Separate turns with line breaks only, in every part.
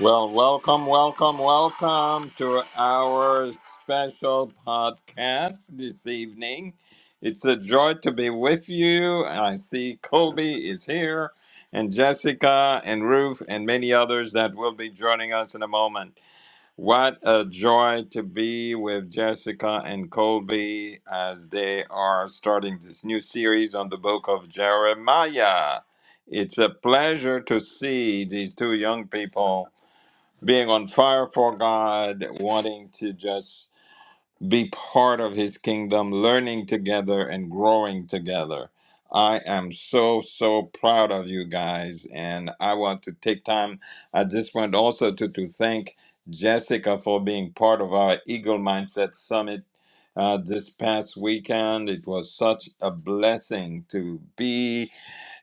Well, welcome, welcome, welcome to our special podcast this evening. It's a joy to be with you. I see Colby is here, and Jessica, and Ruth, and many others that will be joining us in a moment. What a joy to be with Jessica and Colby as they are starting this new series on the book of Jeremiah. It's a pleasure to see these two young people being on fire for God, wanting to just be part of his kingdom, learning together and growing together. I am so, so proud of you guys. And I want to take time. I just want also to, to thank Jessica for being part of our Eagle Mindset Summit uh, this past weekend. It was such a blessing to be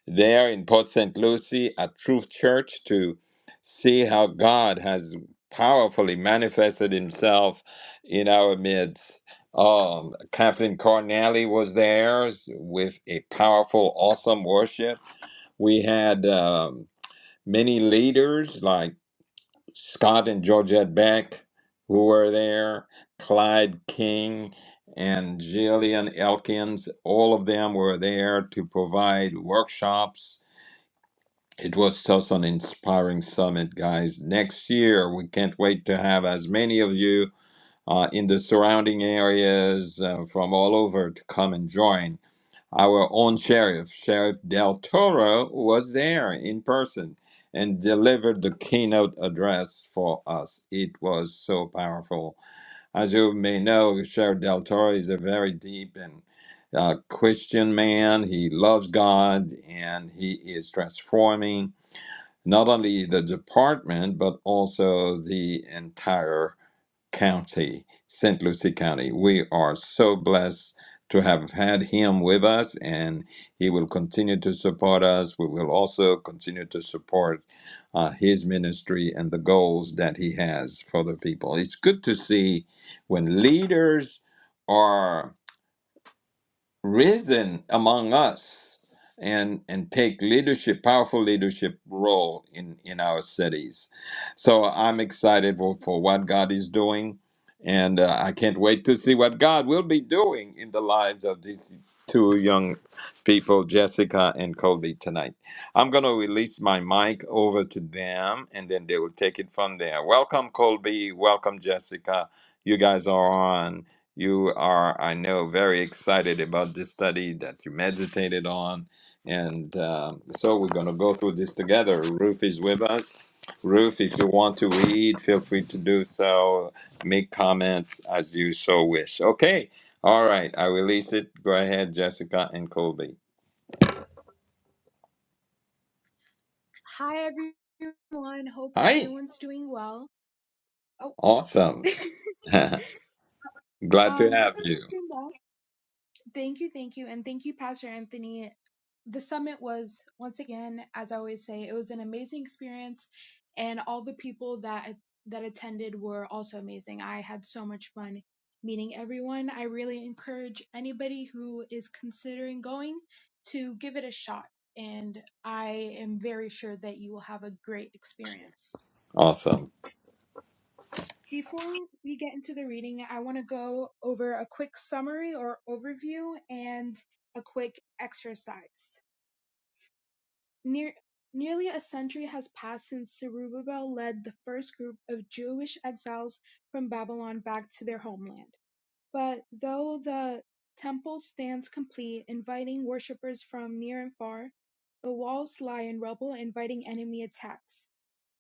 there in Port St. Lucie at Truth Church to see how God has powerfully manifested himself in our midst. Um, Kathleen Cornelli was there with a powerful, awesome worship. We had um, many leaders like Scott and Georgette Beck who were there, Clyde King and Jillian Elkins. All of them were there to provide workshops it was just an inspiring summit, guys. Next year, we can't wait to have as many of you uh, in the surrounding areas uh, from all over to come and join. Our own sheriff, Sheriff Del Toro, was there in person and delivered the keynote address for us. It was so powerful. As you may know, Sheriff Del Toro is a very deep and uh, Christian man. He loves God and he is transforming not only the department, but also the entire county, St. Lucie County. We are so blessed to have had him with us, and he will continue to support us. We will also continue to support uh, his ministry and the goals that he has for the people. It's good to see when leaders. Are risen among us and and take leadership powerful leadership role in in our cities so i'm excited for, for what god is doing and uh, i can't wait to see what god will be doing in the lives of these two young people jessica and colby tonight i'm going to release my mic over to them and then they will take it from there welcome colby welcome jessica you guys are on you are, I know, very excited about this study that you meditated on. And um so we're going to go through this together. Ruth is with us. Ruth, if you want to read, feel free to do so. Make comments as you so wish. Okay. All right. I release it. Go ahead, Jessica and Colby.
Hi everyone. Hope
Hi.
everyone's doing well. Oh,
Awesome. Glad to
um, hope
have you.
everyone's doing well. Thank you, thank you, and thank you, Pastor Anthony. The summit was once again, as I always say, it was an amazing experience, and all the people that that attended were also amazing. I had so much fun meeting everyone. I really encourage anybody who is considering going to give it a shot, and I am very sure that you will have a great experience.
Awesome.
Before we get into the reading, I want to go over a quick summary or overview and a quick exercise. Near, nearly a century has passed since Zerubbabel led the first group of Jewish exiles from Babylon back to their homeland. But though the temple stands complete, inviting worshippers from near and far, the walls lie in rubble, inviting enemy attacks.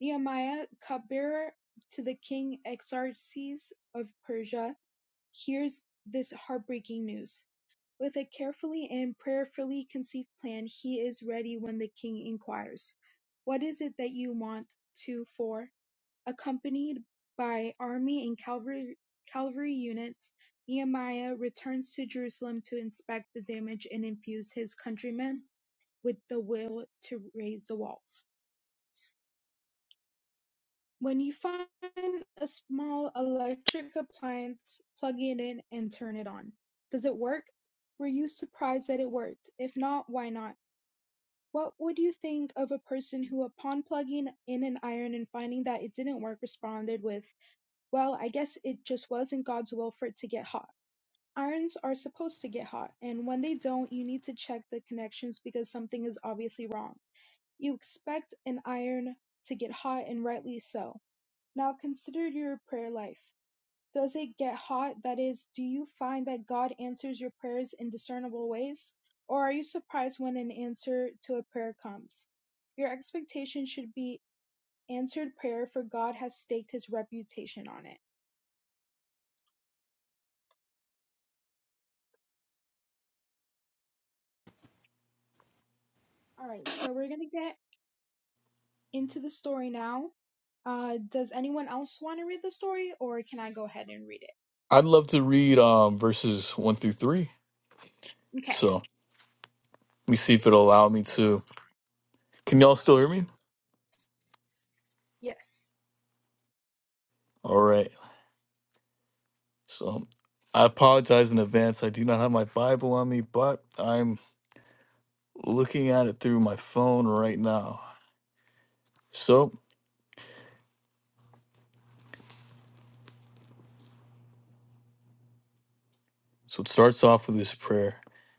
Nehemiah, cupbearer to the king Exarchus of Persia, hears this heartbreaking news. With a carefully and prayerfully conceived plan, he is ready when the king inquires, What is it that you want to for? Accompanied by army and cavalry cavalry units, Nehemiah returns to Jerusalem to inspect the damage and infuse his countrymen with the will to raise the walls. When you find a small electric appliance, plug it in and turn it on. Does it work? Were you surprised that it worked? If not, why not? What would you think of a person who, upon plugging in an iron and finding that it didn't work, responded with, Well, I guess it just wasn't God's will for it to get hot. Irons are supposed to get hot, and when they don't, you need to check the connections because something is obviously wrong. You expect an iron to get hot, and rightly so. Now consider your prayer life. Does it get hot? That is, do you find that God answers your prayers in discernible ways? Or are you surprised when an answer to a prayer comes? Your expectation should be answered prayer, for God has staked his reputation on it. All right, so we're going to get into the story now. Uh, does anyone else want to read the story, or can I go ahead and read it?
I'd love to read um, verses one through three.
Okay.
So let me see if it'll allow me to. Can y'all still hear me?
Yes.
All right. So I apologize in advance. I do not have my Bible on me, but I'm looking at it through my phone right now. So, so it starts off with this prayer,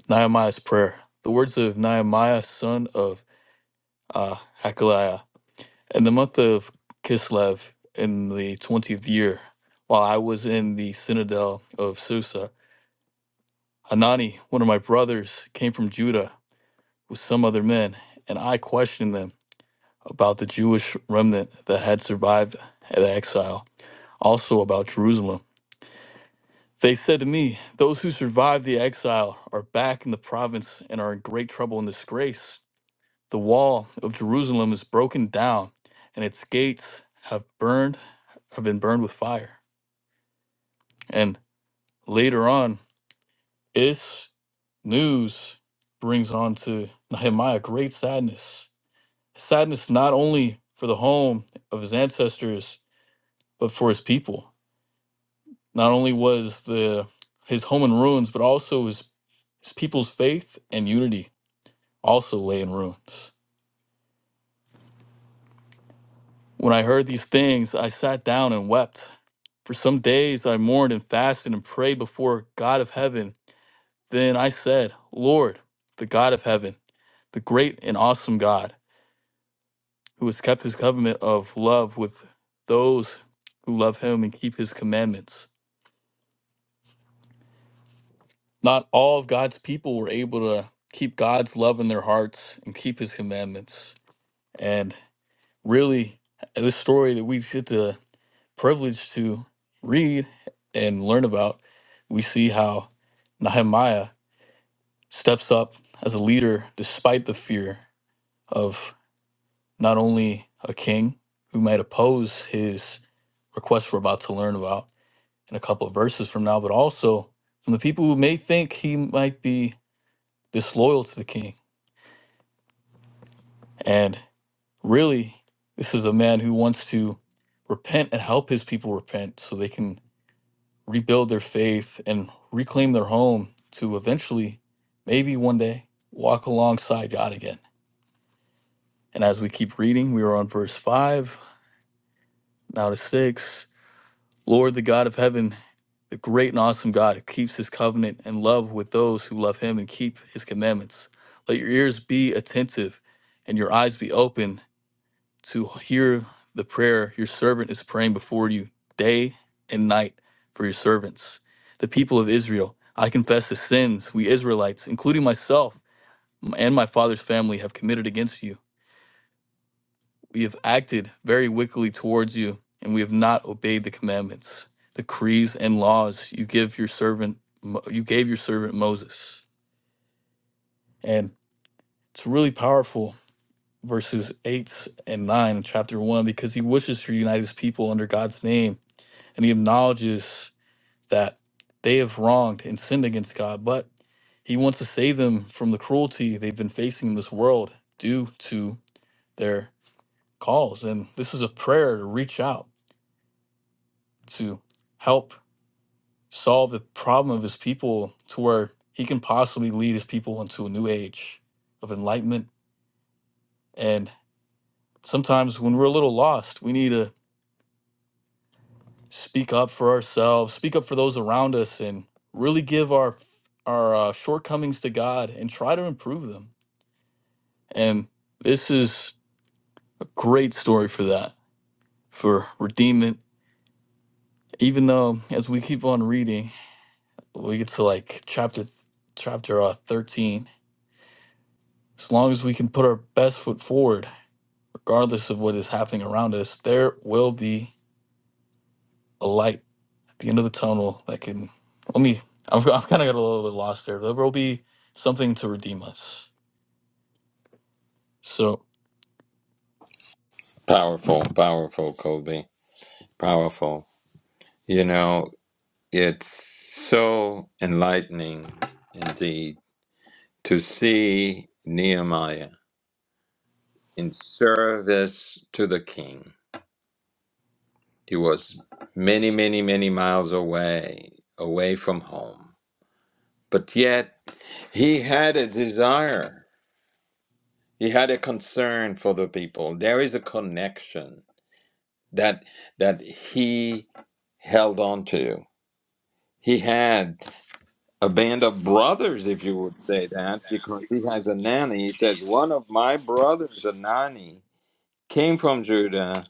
Nehemiah's prayer. The words of Nehemiah, son of uh, Hakaliah, in the month of Kislev, in the twentieth year, while I was in the citadel of Susa. Hanani, one of my brothers, came from Judah with some other men, and I questioned them about the Jewish remnant that had survived the exile, also about Jerusalem. They said to me, Those who survived the exile are back in the province and are in great trouble and disgrace. The wall of Jerusalem is broken down, and its gates have burned have been burned with fire. And later on, this news brings on to Nehemiah great sadness Sadness not only for the home of his ancestors, but for his people. Not only was the his home in ruins, but also his his people's faith and unity also lay in ruins. When I heard these things, I sat down and wept. For some days I mourned and fasted and prayed before God of heaven. Then I said, Lord, the God of heaven, the great and awesome God, who has kept his covenant of love with those who love him and keep his commandments. Not all of God's people were able to keep God's love in their hearts and keep his commandments. And really, this story that we get the privilege to read and learn about, we see how Nehemiah steps up as a leader despite the fear of not only a king who might oppose his request we're about to learn about in a couple of verses from now, but also from the people who may think he might be disloyal to the king And really, this is a man who wants to repent and help his people repent so they can rebuild their faith and reclaim their home to eventually, maybe one day, walk alongside God again. And as we keep reading, we are on verse 5, now to 6. Lord, the God of heaven, the great and awesome God who keeps his covenant and love with those who love him and keep his commandments. Let your ears be attentive and your eyes be open to hear the prayer your servant is praying before you day and night for your servants, the people of Israel. I confess the sins we Israelites, including myself and my father's family, have committed against you. We have acted very wickedly towards you, and we have not obeyed the commandments, decrees, and laws you give your servant Mo- you gave your servant Moses. And it's really powerful verses 8 and 9 in chapter 1 because he wishes to unite his people under God's name and he acknowledges that they have wronged and sinned against God, but he wants to save them from the cruelty they've been facing in this world due to their calls. And this is a prayer to reach out to help solve the problem of his people to where he can possibly lead his people into a new age of enlightenment. And sometimes when we're a little lost, we need a speak up for ourselves, speak up for those around us, and really give our our uh, shortcomings to God and try to improve them. And this is a great story for that, for redeeming. Even though as we keep on reading, we get to like chapter chapter uh, thirteen. As long as we can put our best foot forward, regardless of what is happening around us, there will be a light. the end of the tunnel that can let me I've, I've kind of got a little bit lost there there will be something to redeem us so
Powerful, powerful, Colby. Powerful. You know, It's so enlightening indeed to see Nehemiah in service to the king. He was many, many, many miles away, away from home. But yet he had a desire. He had a concern for the people. There is a connection that that he held on to. He had a band of brothers, if you would say that, because he has a nanny. He says, One of my brothers, a nanny, came from Judah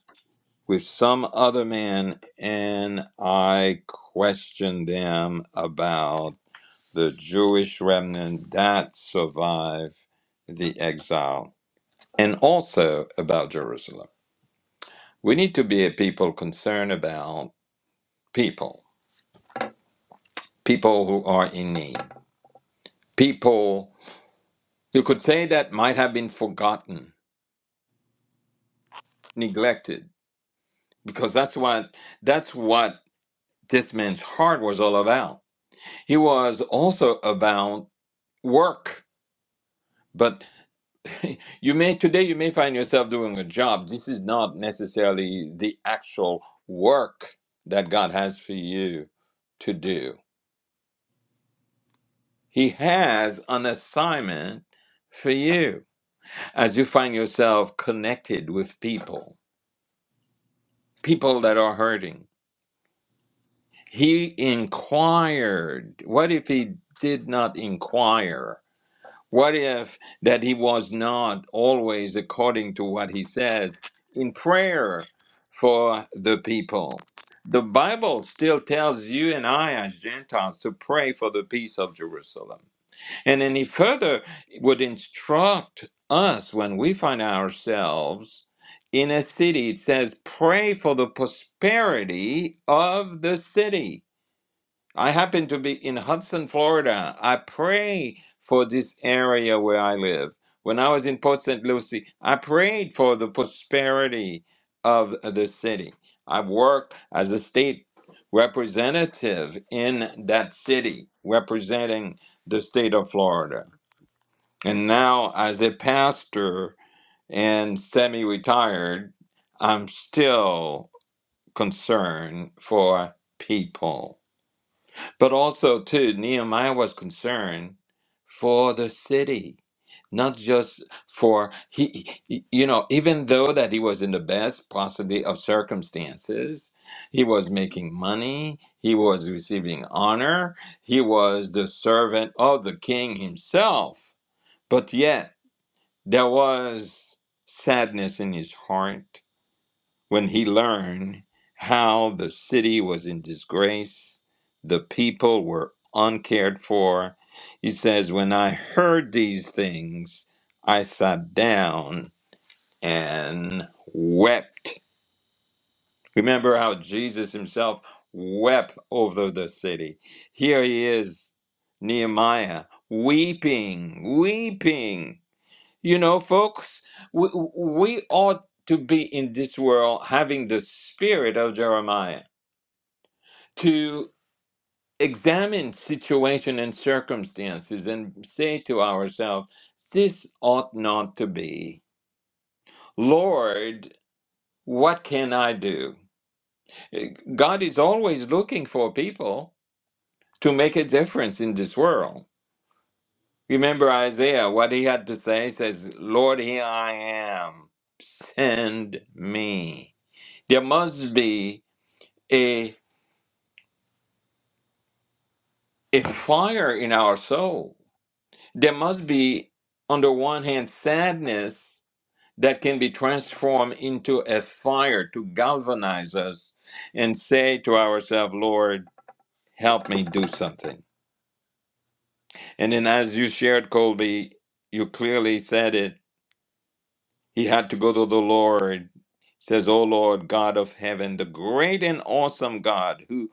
with some other man, and I questioned them about the Jewish remnant that survived the exile and also about Jerusalem. We need to be a people concerned about people, people who are in need, people you could say that might have been forgotten neglected because that's why that's what this man's heart was all about. He was also about work. But you may today you may find yourself doing a job. This is not necessarily the actual work that God has for you to do. He has an assignment for you as you find yourself connected with people, people that are hurting He inquired. What if he did not inquire? What if that he was not always according to what he says in prayer for the people? The Bible still tells you and I, as Gentiles, to pray for the peace of Jerusalem. And then he further would instruct us when we find ourselves in a city. It says, pray for the prosperity of the city I happen to be in Hudson, Florida. I pray for this area where I live. When I was in Port St. Lucie, I prayed for the prosperity of the city. I work as a state representative in that city, representing the state of Florida. And now, as a pastor and semi retired, I'm still concerned for people. But also, too, Nehemiah was concerned for the city, not just for he, he- you know, even though that he was in the best possibly of circumstances, he was making money, he was receiving honor, he was the servant of the king himself. But yet, there was sadness in his heart when he learned how the city was in disgrace, the people were uncared for. He says, When I heard these things, I sat down and wept. Remember how Jesus himself wept over the city. Here he is, Nehemiah, weeping, weeping you know, folks, we, we ought to be in this world having the spirit of Jeremiah to examine situation and circumstances and say to ourselves, this ought not to be. Lord, what can I do? Eh, God is always looking for people to make a difference in this world. Remember Isaiah, what he had to say says, Lord, here I am, send me. There must be a, a fire in our soul. There must be, on the one hand, sadness that can be transformed into a fire to galvanize us and say to ourselves, Lord, help me do something. And then, as you shared, Colby, you clearly said it. He had to go to the Lord. Says, "O Lord, God of heaven, the great and awesome God, who."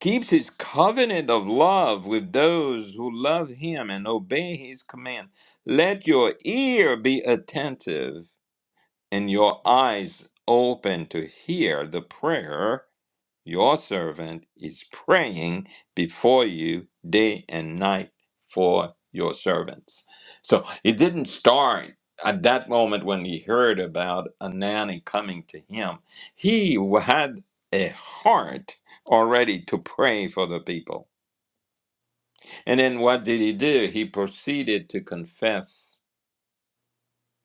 keeps his covenant of love with those who love him and obey his command. Let your ear be attentive and your eyes open to hear the prayer your servant is praying before you day and night for your servants. So it didn't start at that moment when he heard about Anani coming to him. He had a heart already to pray for the people. And then what did he do? He proceeded to confess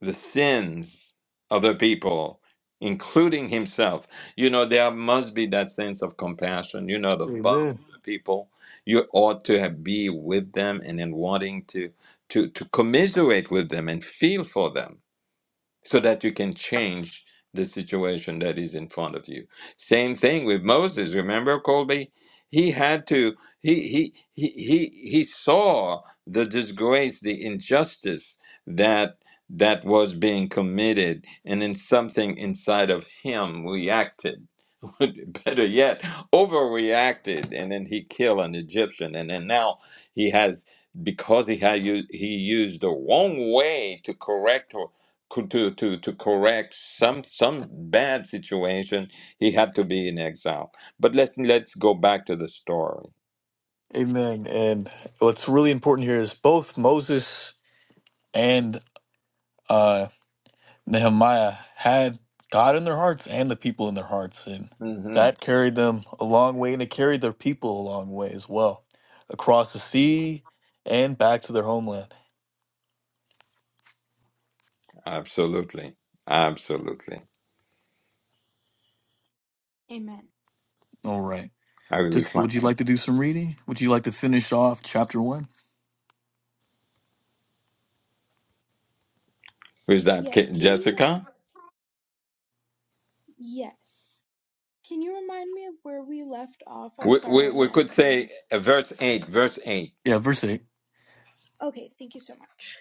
the sins of the people, including himself. You know, there must be that sense of compassion. You're not above the people. You ought to have, be with them and in wanting to, to, to commiserate with them and feel for them so that you can change the situation that is in front of you. Same thing with Moses. Remember, Colby, he had to. He he he he he saw the disgrace, the injustice that that was being committed, and then something inside of him reacted better yet, overreacted, and then he killed an Egyptian, and then now he has because he had u- he used the wrong way to correct or co- to to to correct some some bad situation, he had to be in exile. But let's let's go back to the story.
amen and what's really important here is both moses and uh, nehemiah had god in their hearts and the people in their hearts and
hmm
that carried them a long way and it carried their people a long way as well across the sea and back to their homeland
Absolutely, absolutely.
Amen.
all right
I release
just
my.
would you like to do some reading would you like to finish off chapter one
Who's that?
Yes.
Ki-
Can you?
Jessica.
Yes. Can you remind me of where we left off? I'm
We,
sorry,
we
I
we could
lost my.
say uh, verse eight. Verse eight.
yeah verse 8
Okay. Thank you so much.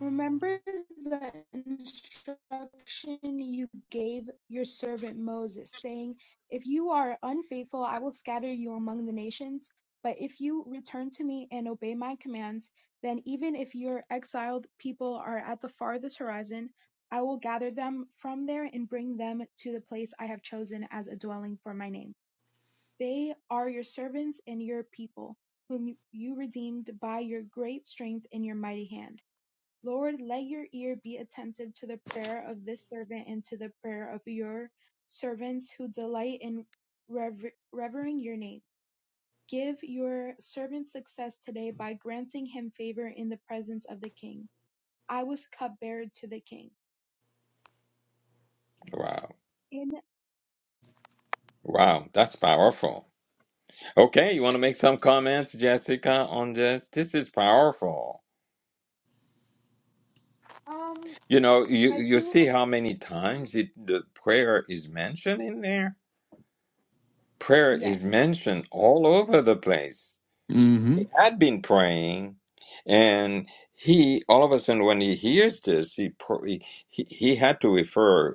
Remember the instruction you gave your servant Moses, saying, If you are unfaithful, I will scatter you among the nations. But if you return to me and obey my commands, then even if your exiled people are at the farthest horizon, I will gather them from there and bring them to the place I have chosen as a dwelling for my name. They are your servants and your people, whom you redeemed by your great strength and your mighty hand. Lord, let your ear be attentive to the prayer of this servant and to the prayer of your servants who delight in rever- revering your name. Give your servant success today by granting him favor in the presence of the king. I was cupbearer to the king.
Wow.
And
Wow, that's powerful. Okay, you want to make some comments, Jessica, on this? This is powerful.
um,
You know, you
I
you see
do.
how many times it, the prayer is mentioned in there. Prayer is
Yes.
mentioned all over the place. He had been praying, and he all of a sudden when he hears this, he pr- he he he had to refer.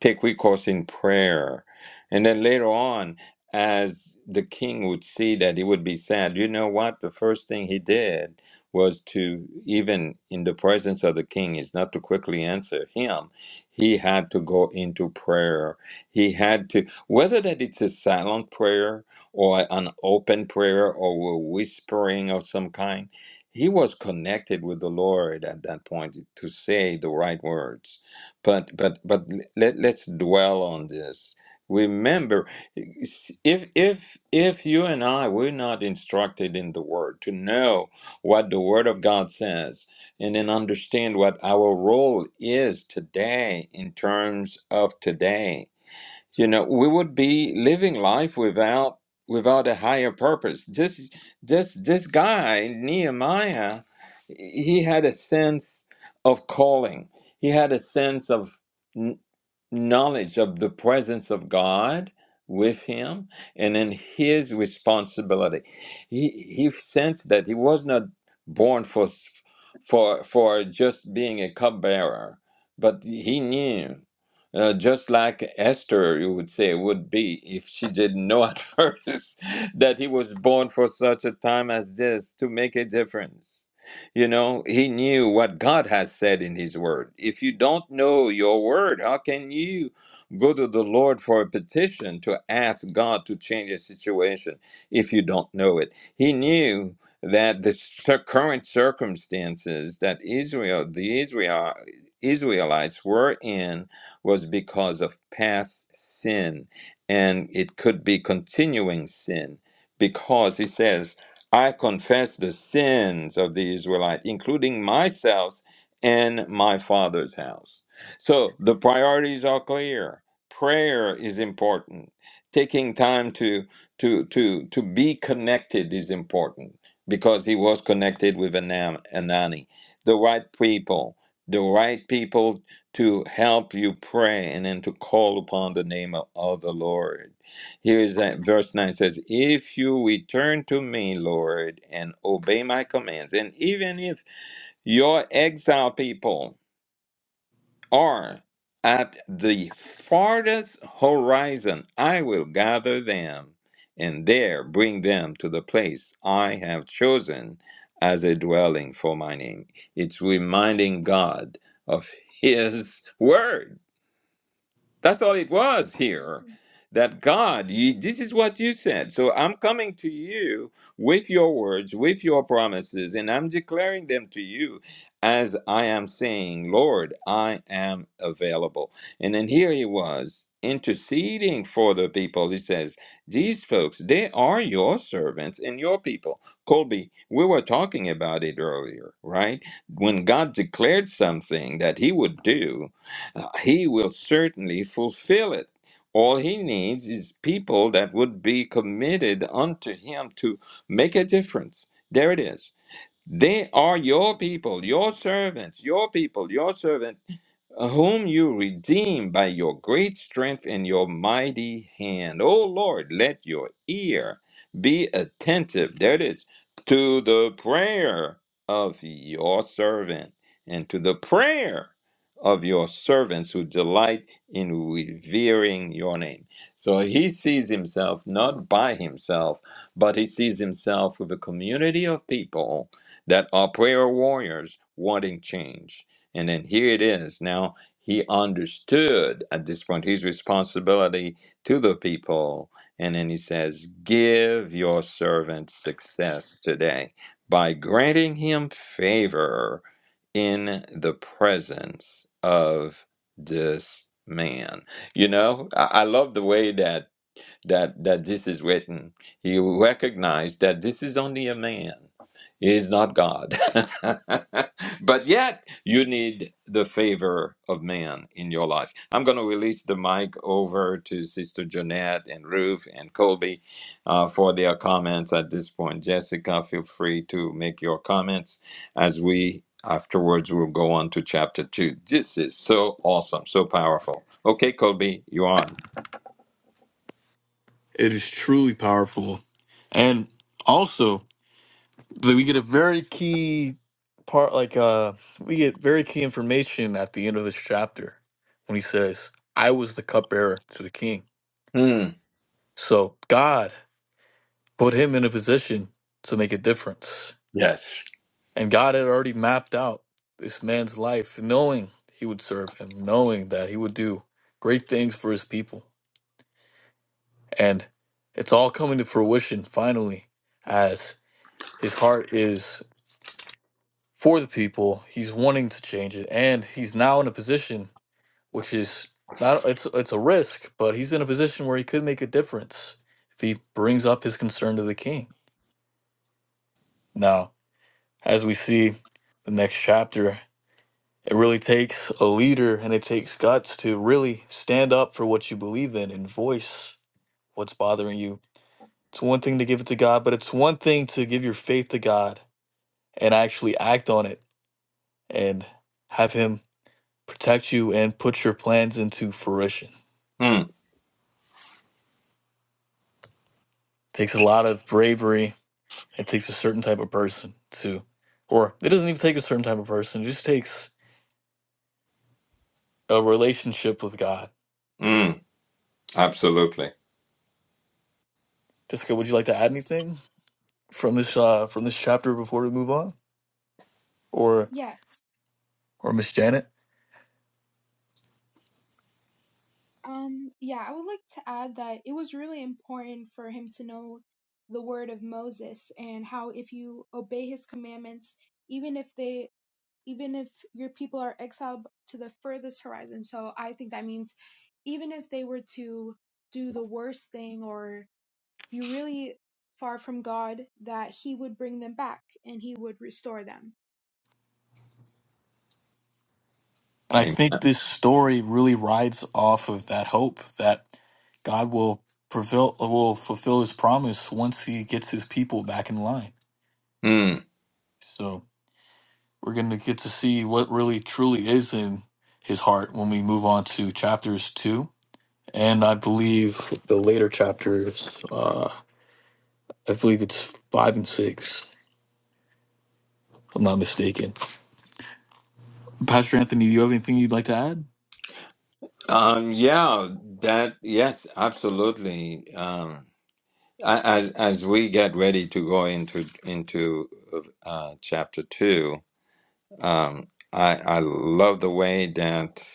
take recourse in prayer. And then later on, as the king would see that he would be sad, you know what? The first thing he did was to, even in the presence of the king, is not to quickly answer him. He had to go into prayer. He had to, whether that it's a silent prayer or an open prayer or a whispering of some kind, he was connected with the Lord at that point to say the right words but but but let, let's dwell on this remember if if if you and i we're not instructed in the word to know what the word of god says and then understand what our role is today in terms of today you know we would be living life without without a higher purpose this this this guy nehemiah he had a sense of calling he had a sense of knowledge of the presence of God with him and in his responsibility. He he sensed that he was not born for for for just being a cupbearer, but he knew. Uh, just like Esther, you would say, would be if she didn't know at first that he was born for such a time as this to make a difference you know, he knew what God has said in his word. If you don't know your word, how can you go to the Lord for a petition to ask God to change a situation if you don't know it? He knew that the cir- current circumstances that Israel, the Israel, Israelites were in was because of past sin and it could be continuing sin because he says I confess the sins of the Israelite, including myself and my father's house. So the priorities are clear. Prayer is important. Taking time to to to to be connected is important because he was connected with Anam, Anani, the right people, the right people to help you pray and then to call upon the name of of the Lord. Here's that verse 9 says, If you return to me, Lord, and obey my commands, and even if your exile people are at the farthest horizon, I will gather them and there bring them to the place I have chosen as a dwelling for my name. It's reminding God of his word that's all it was here.
Mhm.
That God, you, this is what you said. So I'm coming to you with your words, with your promises, and I'm declaring them to you as I am saying, Lord, I am available. And then here he was interceding for the people. He says, These folks, they are your servants and your people. Colby, we were talking about it earlier, right? When God declared something that he would do, uh, he will certainly fulfill it. All he needs is people that would be committed unto him to make a difference. There it is. They are your people, your servants, your people, your servant whom you redeem by your great strength and your mighty hand. O Lord, let your ear be attentive, that is, to the prayer of your servant and to the prayer of your servants who delight in revering your name. So he sees himself not by himself, but he sees himself with a community of people that are prayer warriors wanting change. And then here it is. Now he understood at this point his responsibility to the people. And then he says, Give your servant success today by granting him favor in the presence of this man. You know, I, I love the way that that that this is written. He recognized that this is only a man. He is not God. but yet you need the favor of man in your life. I'm going to release the mic over to Sister Jeanette and Ruth and Colby uh, for their comments at this point. Jessica, feel free to make your comments as we afterwards will go on to chapter two. This is so awesome, so powerful. Okay, Colby, you're on.
It is truly powerful. And also, we get a very key part, like, uh, we get very key information at the end of this chapter when he says, I was the cupbearer to the king.
Hmm.
So God put him in a position to make a difference.
yes.
And God had already mapped out this man's life, knowing he would serve him, knowing that he would do great things for his people. And it's all coming to fruition finally as his heart is for the people. He's wanting to change it, and he's now in a position which is not it's it's a risk, but he's in a position where he could make a difference if he brings up his concern to the king. Now, as we see the next chapter, it really takes a leader and it takes guts to really stand up for what you believe in and voice what's bothering you. It's one thing to give it to God, but it's one thing to give your faith to God and actually act on it and have him protect you and put your plans into fruition. It
Mm,
takes a lot of bravery. It takes a certain type of person to, or it doesn't even take a certain type of person. It just takes a relationship with God.
mm, absolutely.
Jessica, would you like to add anything from this uh, from this chapter before we move on, or
Yes.
or Miss Janet?
Um, yeah, I would like to add that it was really important for him to know the word of Moses and how if you obey his commandments, even if they even if your people are exiled to the furthest horizon. So I think that means even if they were to do the worst thing or be really far from God, that He would bring them back and He would restore them.
And I
Amen.
think this story really rides off of that hope that God will prevail, will fulfill His promise once He gets His people back in line.
Mm.
So We're going to get to see what really truly is in his heart when we move on to chapters two. And I believe the later chapters, uh, I believe it's five and six, if I'm not mistaken. Pastor Anthony, do you have anything you'd like to add?
Um, yeah, that, yes, absolutely. Um, a- as, as we get ready to go into, into, uh, chapter two, um, I, I love the way that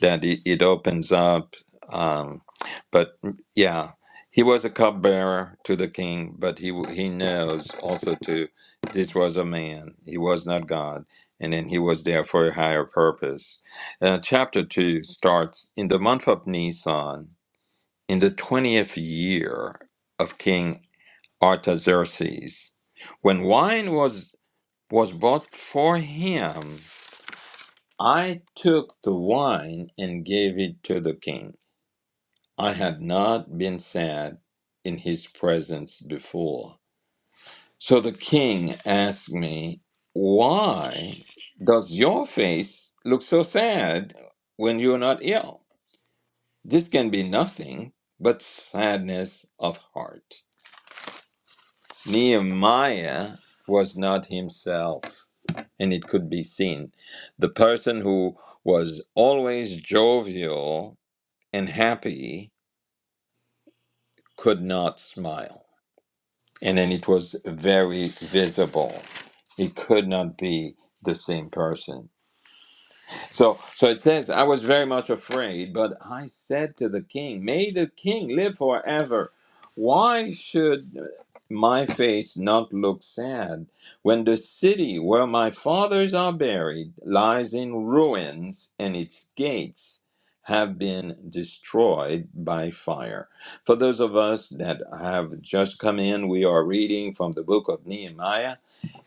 that it, it opens up. Um, but mm, yeah, he was a cupbearer to the king, but he w- he knows also too this was a man. He was not God, and then he was there for a higher purpose. Uh, chapter two starts in the month of Nisan, in the twentieth year of King Artaxerxes, when wine was was bought for him. I took the wine and gave it to the king. I had not been sad in his presence before. So the king asked me, Why does your face look so sad when you're not ill? This can be nothing but sadness of heart. Nehemiah was not himself, and it could be seen. The person who was always jovial and happy could not smile and then it was very visible. It could not be the same person. So, so it says, I was very much afraid, but I said to the king, May the king live forever. Why should my face not look sad when the city where my fathers are buried lies in ruins and its gates have been destroyed by fire? For those of us that have just come in, we are reading from the book of Nehemiah.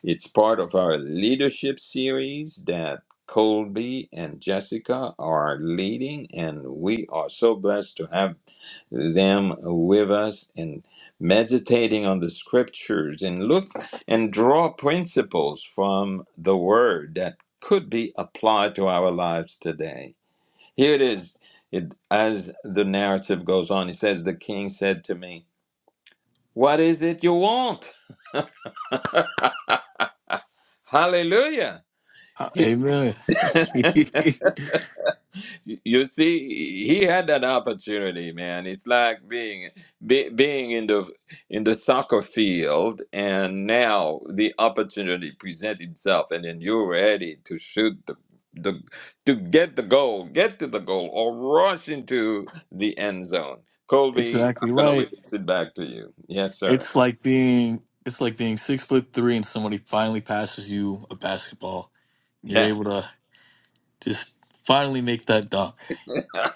It's part of our leadership series that Colby and Jessica are leading, and we are so blessed to have them with us in meditating on the scriptures and look and draw principles from the word that could be applied to our lives today. Here it is. It, as the narrative goes on, it says, The king said to me, 'What is it you want? Hallelujah.
Uh, amen.
you see he had that opportunity man it's like being be, being in the in the soccer field and now the opportunity presents itself and then you're ready to shoot the the to get the goal get to the goal or rush into the end zone colby i'm
exactly
gonna
right.
release it back to you yes sir
It's like being it's like being six foot three and somebody finally passes you a basketball and you're
yeah
able to just finally make that dunk.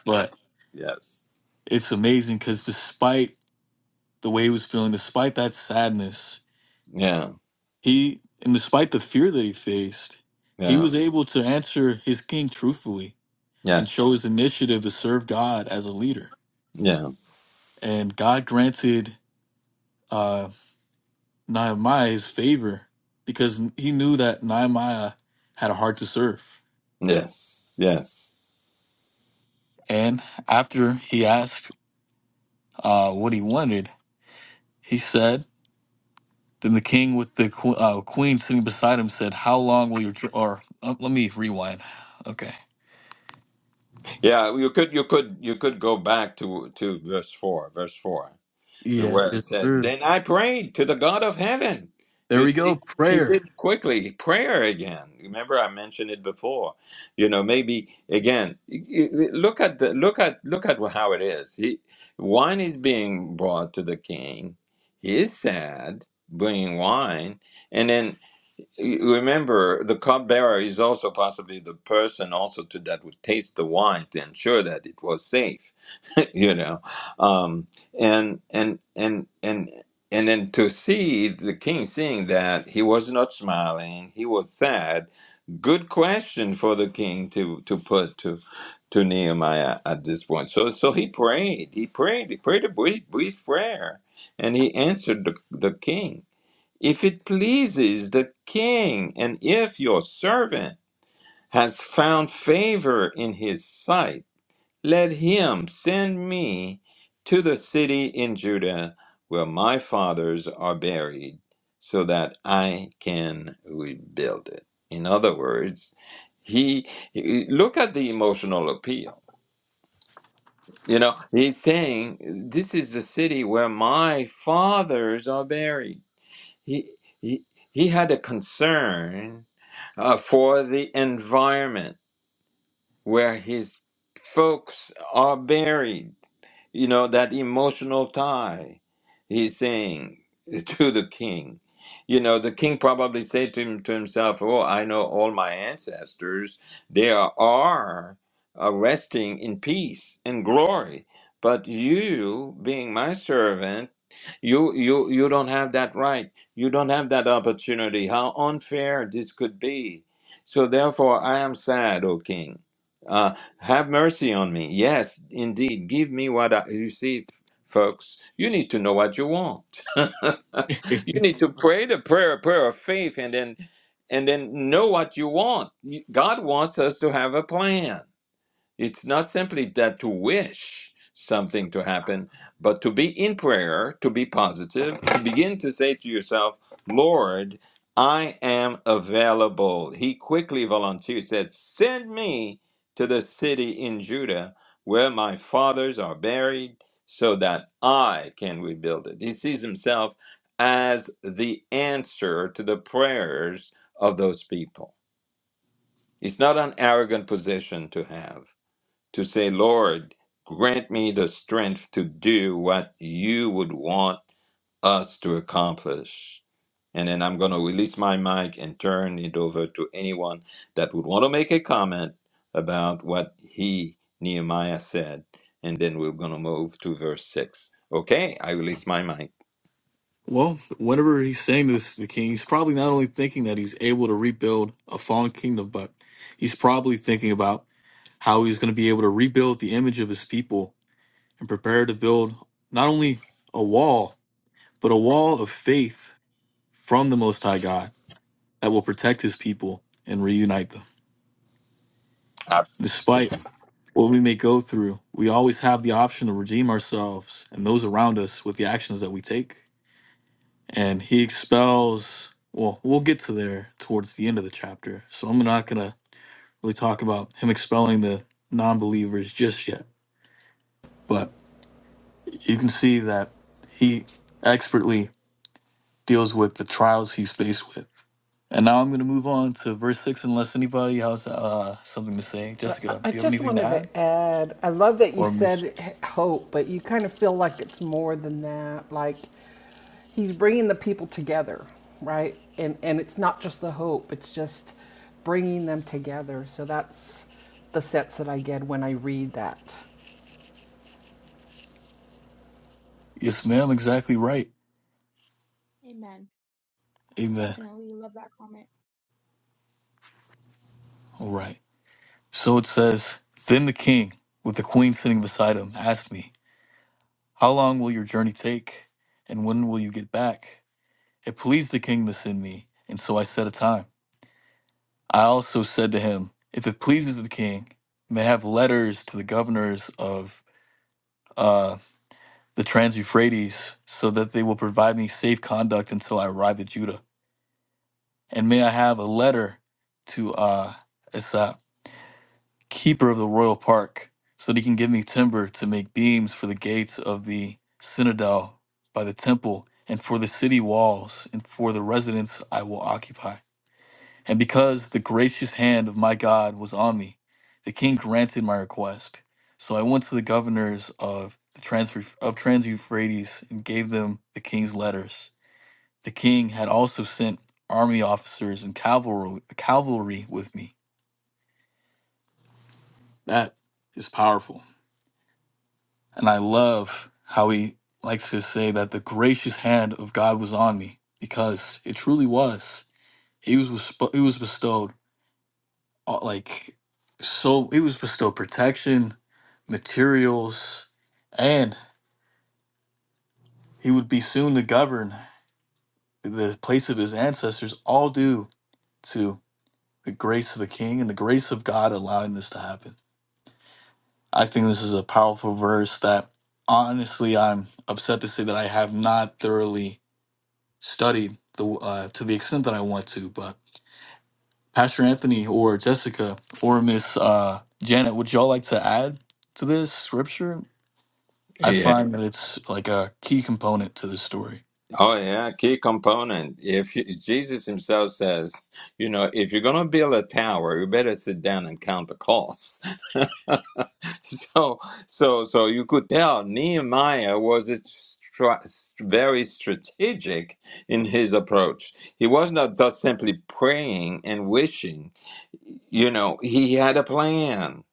But
yes
it's amazing because despite the way he was feeling, despite that sadness,
yeah
he and despite the fear that he faced, he
yeah
was able to answer his king truthfully and
yes
show his initiative to serve God as a leader.
yeah
And God granted uh, Nehemiah his favor because he knew that Nehemiah had a heart to serve.
yes yes
And after he asked uh, what he wanted, he said, "Then the king with the que- uh, queen sitting beside him said, "How long will your tr- or uh, let me rewind." Okay.
Yeah, you could you could you could go back to to verse four, verse four,
Yeah,
where
yes,
it says,
sir.
"Then I prayed to the God of heaven."
There
You
we go.
see, he
Prayer.
did quickly prayer again. Remember, I mentioned it before. You know, maybe again, y- y- look at the look at look at how it is. He, wine is being brought to the king. He is sad, bringing wine, and then remember the cupbearer is also possibly the person also to that would taste the wine to ensure that it was safe you know um and and and and and then to see the king seeing that he was not smiling he was sad good question for the king to to put to to Nehemiah at this point. So so he prayed. He prayed. He prayed a brief brief prayer, and he answered the the king if it pleases the king, and if your servant has found favor in his sight, let him send me to the city in Judah where my fathers are buried, so that I can rebuild it. In other words, he he- look at the emotional appeal. You know, he's saying, This is the city where my fathers are buried. He, he, he had a concern uh, for the environment where his folks are buried you know that emotional tie he's saying to the king you know the king probably said to, him, to himself oh i know all my ancestors they are, are uh, resting in peace and glory but you being my servant you you you don't have that right you don't have that opportunity how unfair this could be so therefore i am sad o king Uh, have mercy on me. Yes, indeed. Give me what I. You see, folks, you need to know what you want. you need to pray the prayer, prayer of faith, and then and then know what you want. You- God wants us to have a plan. It's not simply that to wish something to happen, but to be in prayer, to be positive, to begin to say to yourself, Lord, I am available. He quickly volunteers, says, Send me to the city in Judah where my fathers are buried so that I can rebuild it. He sees himself as the answer to the prayers of those people. It's not an arrogant position to have to say, Lord, grant me the strength to do what you would want us to accomplish. And then I'm going to release my mic and turn it over to anyone that would want to make a comment about what he, Nehemiah, said. And then we're going to move to verse 6. Okay, I release my mic.
Well, whenever he's saying this to the king, he's probably not only thinking that he's able to rebuild a fallen kingdom, but he's probably thinking about how he's going to be able to rebuild the image of his people and prepare to build not only a wall, but a wall of faith from the Most High God that will protect his people and reunite them. Despite
Absolutely.
what we may go through, we always have the option to redeem ourselves and those around us with the actions that we take. and he expels well we'll get to there towards the end of the chapter so i'm not gonna really talk about him expelling the non-believers just yet but you can see that he expertly deals with the trials he's faced with and now i'm gonna move on to verse 6 unless anybody has uh, something to say
I-
jessica do you have
just
anything to
wanted
add
to add, I love that you
or miss
said hope, but you kind of feel like it's more than that. Like he's bringing the people together, right? And and it's not just the hope; it's just bringing them together. So that's the sense that I get when I read that.
yes ma'am exactly right
Amen.
amen
Definitely love that comment.
all right so it says then the king with the queen sitting beside him asked me How long will your journey take? And when will you get back? It pleased the king this in me, and so I set a time. I also said to him, If it pleases the king, may I have letters to the governors of uh, the Trans Euphrates, so that they will provide me safe conduct until I arrive at Judah. And may I have a letter to uh, Esau. keeper of the royal park, so that he can give me timber to make beams for the gates of the citadel by the temple, and for the city walls, and for the residence I will occupy. And because the gracious hand of my God was on me, the king granted my request. So I went to the governors of the transfer of Trans Euphrates and gave them the king's letters. The king had also sent army officers and cavalry cavalry with me. That is powerful. And I love how he likes to say that the gracious hand of God was on me because it truly was. He was besp- he was bestowed uh, like so he was bestowed protection, materials, and he would be soon to govern the place of his ancestors all due to the grace of the king and the grace of God allowing this to happen. I think this is a powerful verse that honestly I'm upset to say that I have not thoroughly studied the uh, to the extent that I want to. But Pastor Anthony or Jessica or Miss uh, Janet, would y'all like to add to this scripture? I find that it's like a key component to this story.
Oh yeah, key component. If you, Jesus himself says, you know, if you're going to build a tower, you better sit down and count the costs. so, so, so you could tell Nehemiah was a stra- very strategic in his approach. He was not just simply praying and wishing. You know, he had a plan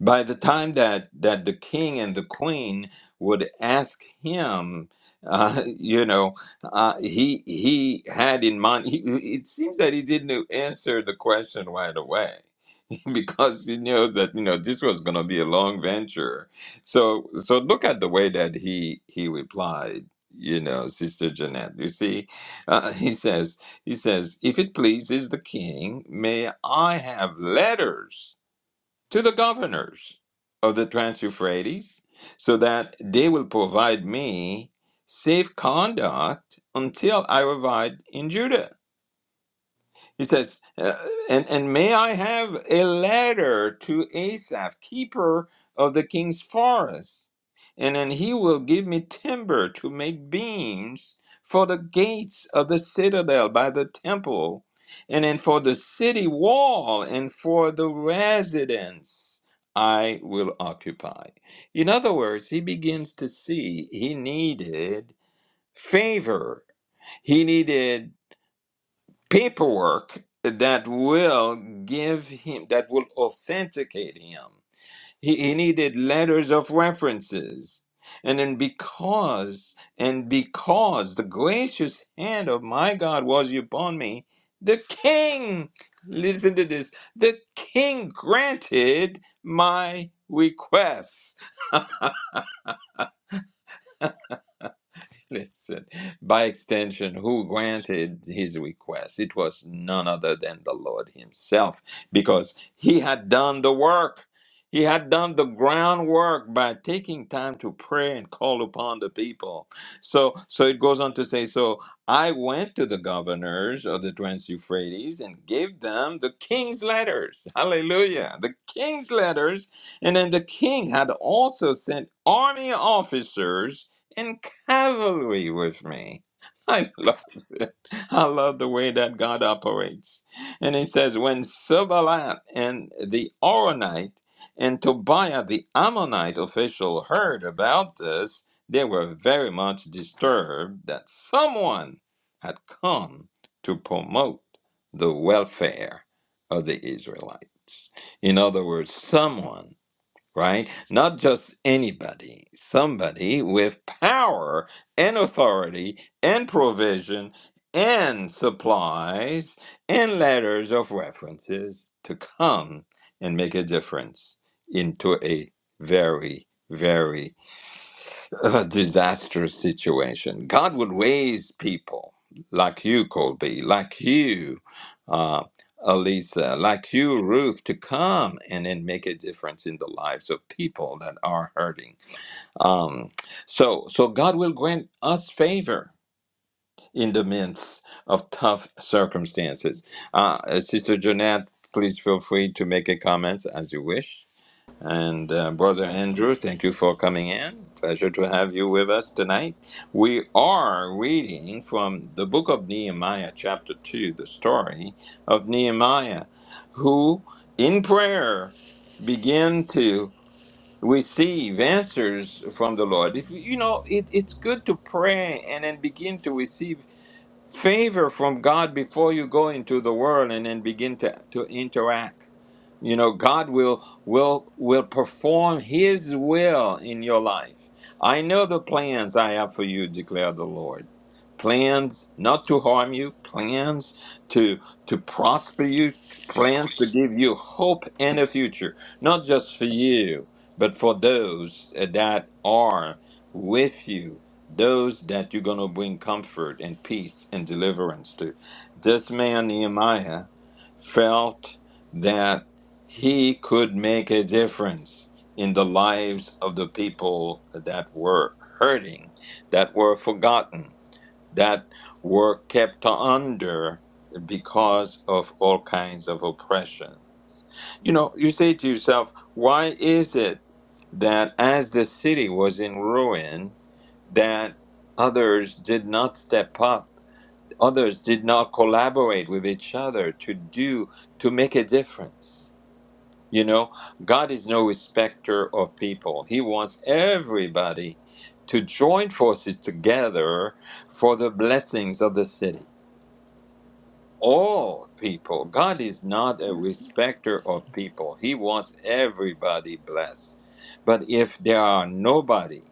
by the time that that the king and the queen would ask him uh, you know uh, he he had in mind he, he- it seems that he didn't answer the question right away because he knows that you know this was going to be a long venture so so look at the way that he he replied you know sister jeanette you see uh, he says he says if it pleases the king may i have letters to the governors of the Trans Euphrates, so that they will provide me safe conduct until I arrive in Judah. He says, uh, and, and may I have a letter to Asaph, keeper of the king's forest? And then he will give me timber to make beams for the gates of the citadel by the temple, and then for the city wall, and for the residence I will occupy. In other words, he begins to see he needed favor. He needed paperwork that will give him that will authenticate him he, he needed letters of references and then because and because the gracious hand of my god was upon me the king listen to this the king granted my request Listen, by extension, who granted his request? It was none other than the Lord Himself, because He had done the work. He had done the groundwork by taking time to pray and call upon the people. So, so it goes on to say, so I went to the governors of the Trans Euphrates and gave them the king's letters. Hallelujah. The king's letters. And then the king had also sent army officers in cavalry with me. I love it. I love the way that God operates. And he says, when Sibalat and the Oronite and Tobiah the Ammonite official heard about this, they were very much disturbed that someone had come to promote the welfare of the Israelites. In other words, someone right? Not just anybody, somebody with power and authority and provision and supplies and letters of references to come and make a difference into a very, very a disastrous situation. God would raise people like you, Colby, like you, uh, Elisa, like you, Ruth, to come and then make a difference in the lives of people that are hurting. Um, so, so God will grant us favor in the midst of tough circumstances. Uh, Sister Jeanette, please feel free to make a comment as you wish. And uh, Brother Andrew, thank you for coming in. Pleasure to have you with us tonight. We are reading from the book of Nehemiah, chapter 2, the story of Nehemiah, who in prayer began to receive answers from the Lord. If, you know, it, it's good to pray and then begin to receive favor from God before you go into the world and then begin to, to interact. You know, God will will will perform his will in your life. I know the plans I have for you, declare the Lord. Plans not to harm you, plans to to prosper you, plans to give you hope and a future, not just for you, but for those that are with you those that you're going to bring comfort and peace and deliverance to. This man, Nehemiah, felt that he could make a difference in the lives of the people that were hurting, that were forgotten that were kept under because of all kinds of oppressions. You know, you say to yourself, why is it that as the city was in ruin, that others did not step up, others did not collaborate with each other to do to make a difference? You know, God is no respecter of people. He wants everybody to join forces together for the blessings of the city. All people. God is not a respecter of people. He wants everybody blessed. But if there are nobody,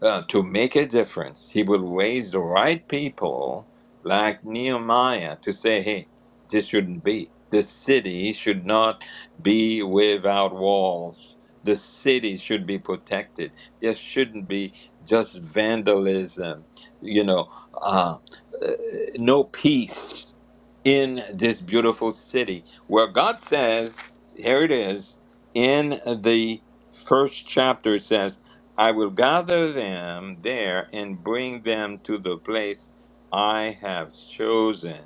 uh, to make a difference. He will raise the right people like Nehemiah to say, hey, this shouldn't be. The city should not be without walls. The city should be protected. There shouldn't be just vandalism, you know, uh, uh, no peace in this beautiful city where God says, here it is, in the first chapter it says, I will gather them there and bring them to the place I have chosen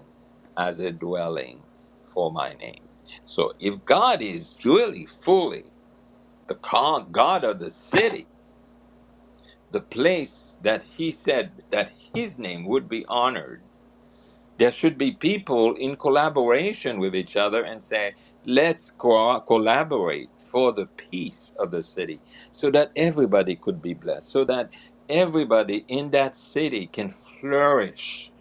as a dwelling for my name. So if God is really fully the co- God of the city, the place that he said that his name would be honored, there should be people in collaboration with each other and say, let's co- collaborate for the peace of the city so that everybody could be blessed, so that everybody in that city can flourish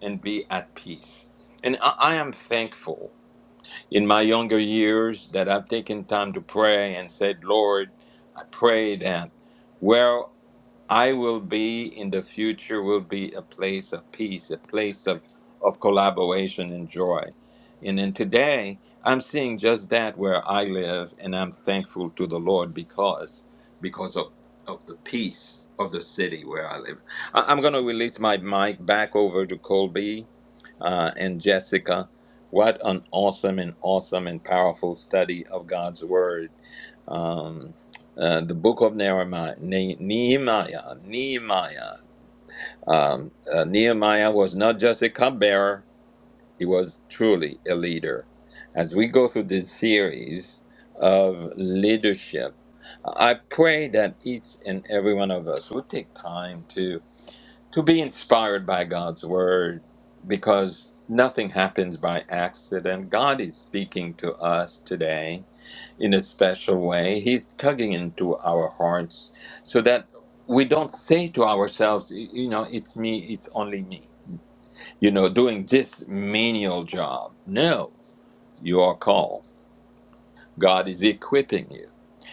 and be at peace. And I, I am thankful in my younger years that I've taken time to pray and said, Lord, I pray that. where I will be in the future will be a place of peace, a place of, of collaboration and joy. And then today I'm seeing just that where I live and I'm thankful to the Lord because because of, of the peace of the city where I live. I, I'm gonna release my mic back over to Colby uh, and Jessica. What an awesome and awesome and powerful study of God's word. Um, uh, the book of Nehemiah. Ne- Nehemiah. Nehemiah. Um, uh, Nehemiah was not just a cupbearer; he was truly a leader. As we go through this series of leadership, I pray that each and every one of us will take time to to be inspired by God's word, because nothing happens by accident. God is speaking to us today in a special way. He's tugging into our hearts so that we don't say to ourselves, y- you know, it's me, it's only me, you know, doing this menial job. No, you are called. God is equipping you.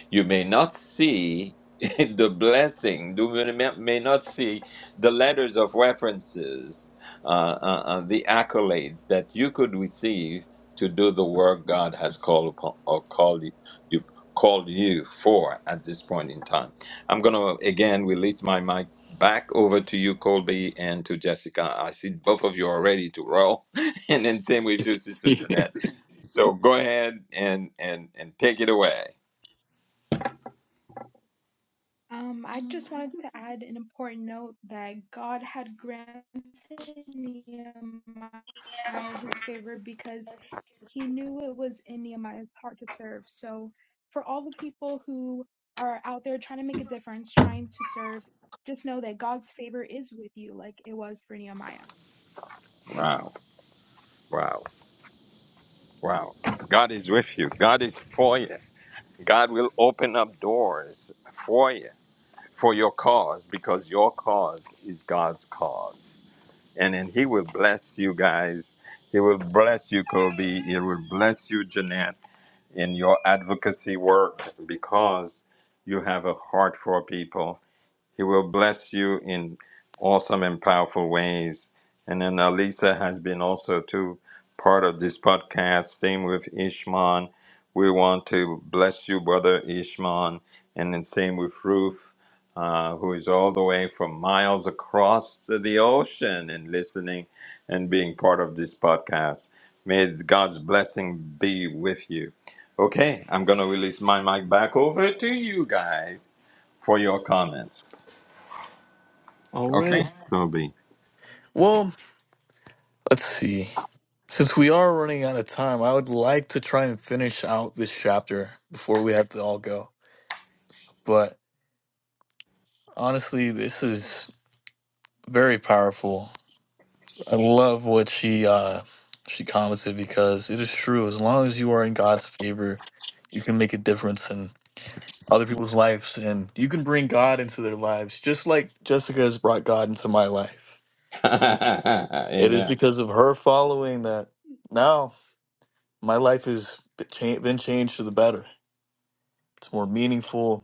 You may not see the blessing, you may may not see the letters of references, uh, uh, uh, the accolades that you could receive to do the work God has called upon or called you, you- called you for at this point in time. I'm going to again release my mic back over to you, Colby, and to Jessica. I see both of you are ready to roll, and then same with you, Sister Jeanette. So go ahead and and and take it away.
Um, I just wanted to add an important note that God had granted Nehemiah his favor because He knew it was in Nehemiah's heart to serve. So, for all the people who are out there trying to make a difference, trying to serve, just know that God's favor is with you, like it was for Nehemiah.
Wow, wow, wow! God is with you. God is for you. God will open up doors for you for your cause because your cause is God's cause, and then He will bless you guys. He will bless you, Kobe. He will bless you, Jeanette, in your advocacy work because you have a heart for people He will bless you in awesome and powerful ways. And then Alisa has been also too part of this podcast. Same with Ishman. We want to bless you, brother Ishman. And then same with Ruth, uh, who is all the way from miles across the ocean and listening and being part of this podcast. May God's blessing be with you. Okay, I'm going to release my mic back over to you guys for your comments.
All right.
Okay, so be.
Well, let's see. Since we are running out of time, I would like to try and finish out this chapter before we have to all go. But honestly, this is very powerful. I love what she uh she commented because it is true. As long as you are in God's favor, you can make a difference in other people's lives and you can bring God into their lives, just like Jessica has brought God into my life. It is
Amen.
because of her following that now my life has been cha- been changed to the better. It's more meaningful.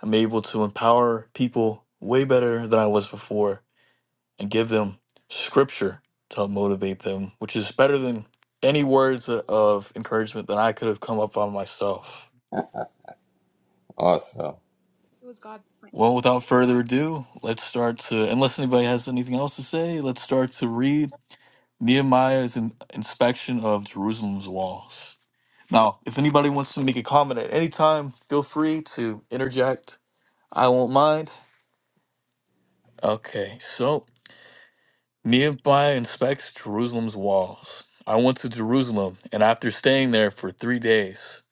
I'm able to empower people way better than I was before and give them scripture to help motivate them, which is better than any words of encouragement that I could have come up on myself.
Awesome.
It was God's plan.
Well, without further ado, let's start to, unless anybody has anything else to say, let's start to read Nehemiah's in, inspection of Jerusalem's walls. Now, if anybody wants to make a comment at any time, feel free to interject. I won't mind. Okay, so Nehemiah inspects Jerusalem's walls. I went to Jerusalem, and after staying there for three days,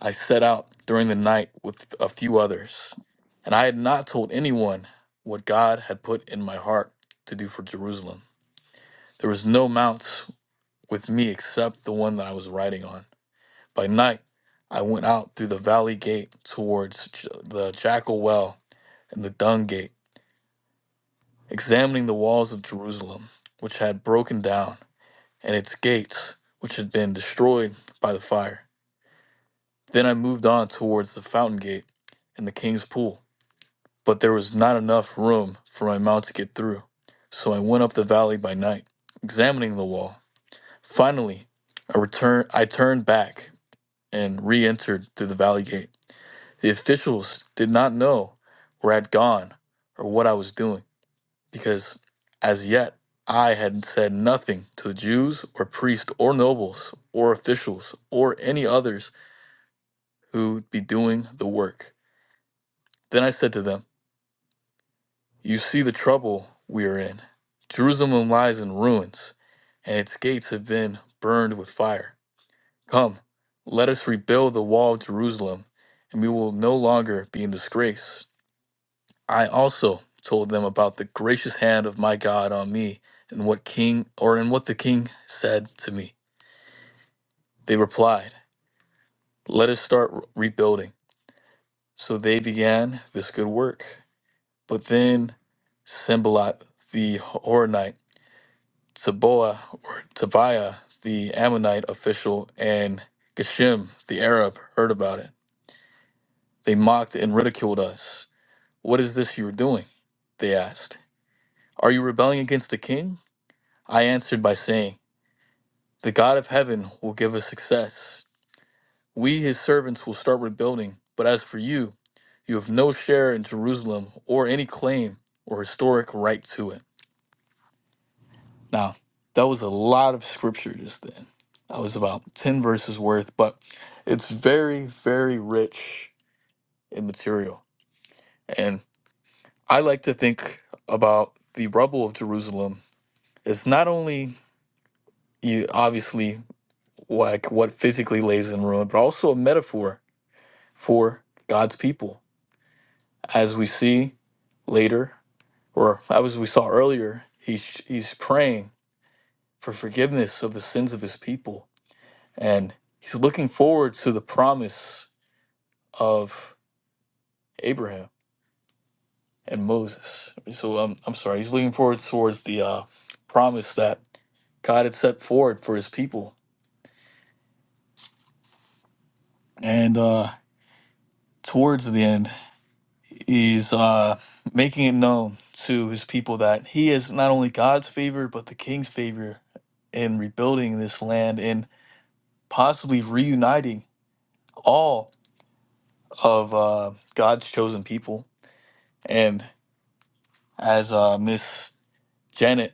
I set out during the night with a few others. And I had not told anyone what God had put in my heart to do for Jerusalem. There was no mounts with me except the one that I was riding on. By night, I went out through the valley gate towards J- the jackal well and the dung gate, examining the walls of Jerusalem, which had broken down. and its gates, which had been destroyed by the fire. Then I moved on towards the fountain gate and the king's pool, but there was not enough room for my mount to get through. So I went up the valley by night, examining the wall. Finally, I returned I turned back and re-entered through the valley gate. The officials did not know where I'd gone or what I was doing. because as yet I had said nothing to the Jews or priests or nobles or officials or any others who would be doing the work. Then I said to them, You see the trouble we are in. Jerusalem lies in ruins, and its gates have been burned with fire. Come, let us rebuild the wall of Jerusalem, and we will no longer be in disgrace. I also told them about the gracious hand of my God on me and what king or in what the king said to me. They replied, "Let us start re- rebuilding." So they began this good work. But then Sembalat the Horonite, Toboa or Tobiah the Ammonite official, and Geshem the Arab heard about it. They mocked and ridiculed us. "What is this you are doing?" they asked. "Are you rebelling against the king?" I answered by saying. The God of heaven will give us success. We, his servants, will start rebuilding. But as for you, you have no share in Jerusalem or any claim or historic right to it. Now, that was a lot of scripture just then. That was about 10 verses worth, but it's very, very rich in material. And I like to think about the rubble of Jerusalem as not only you obviously like what physically lays in ruin, but also a metaphor for God's people. As we see later, or as we saw earlier, he's, he's praying for forgiveness of the sins of his people. And he's looking forward to the promise of Abraham and Moses. So um, I'm sorry, he's looking forward towards the uh, promise that God had set forward for his people. And uh, towards the end, He's uh, making it known to his people that he is not only God's favor, but the king's favor in rebuilding this land and possibly reuniting all of uh, God's chosen people. And as uh, Miss Janet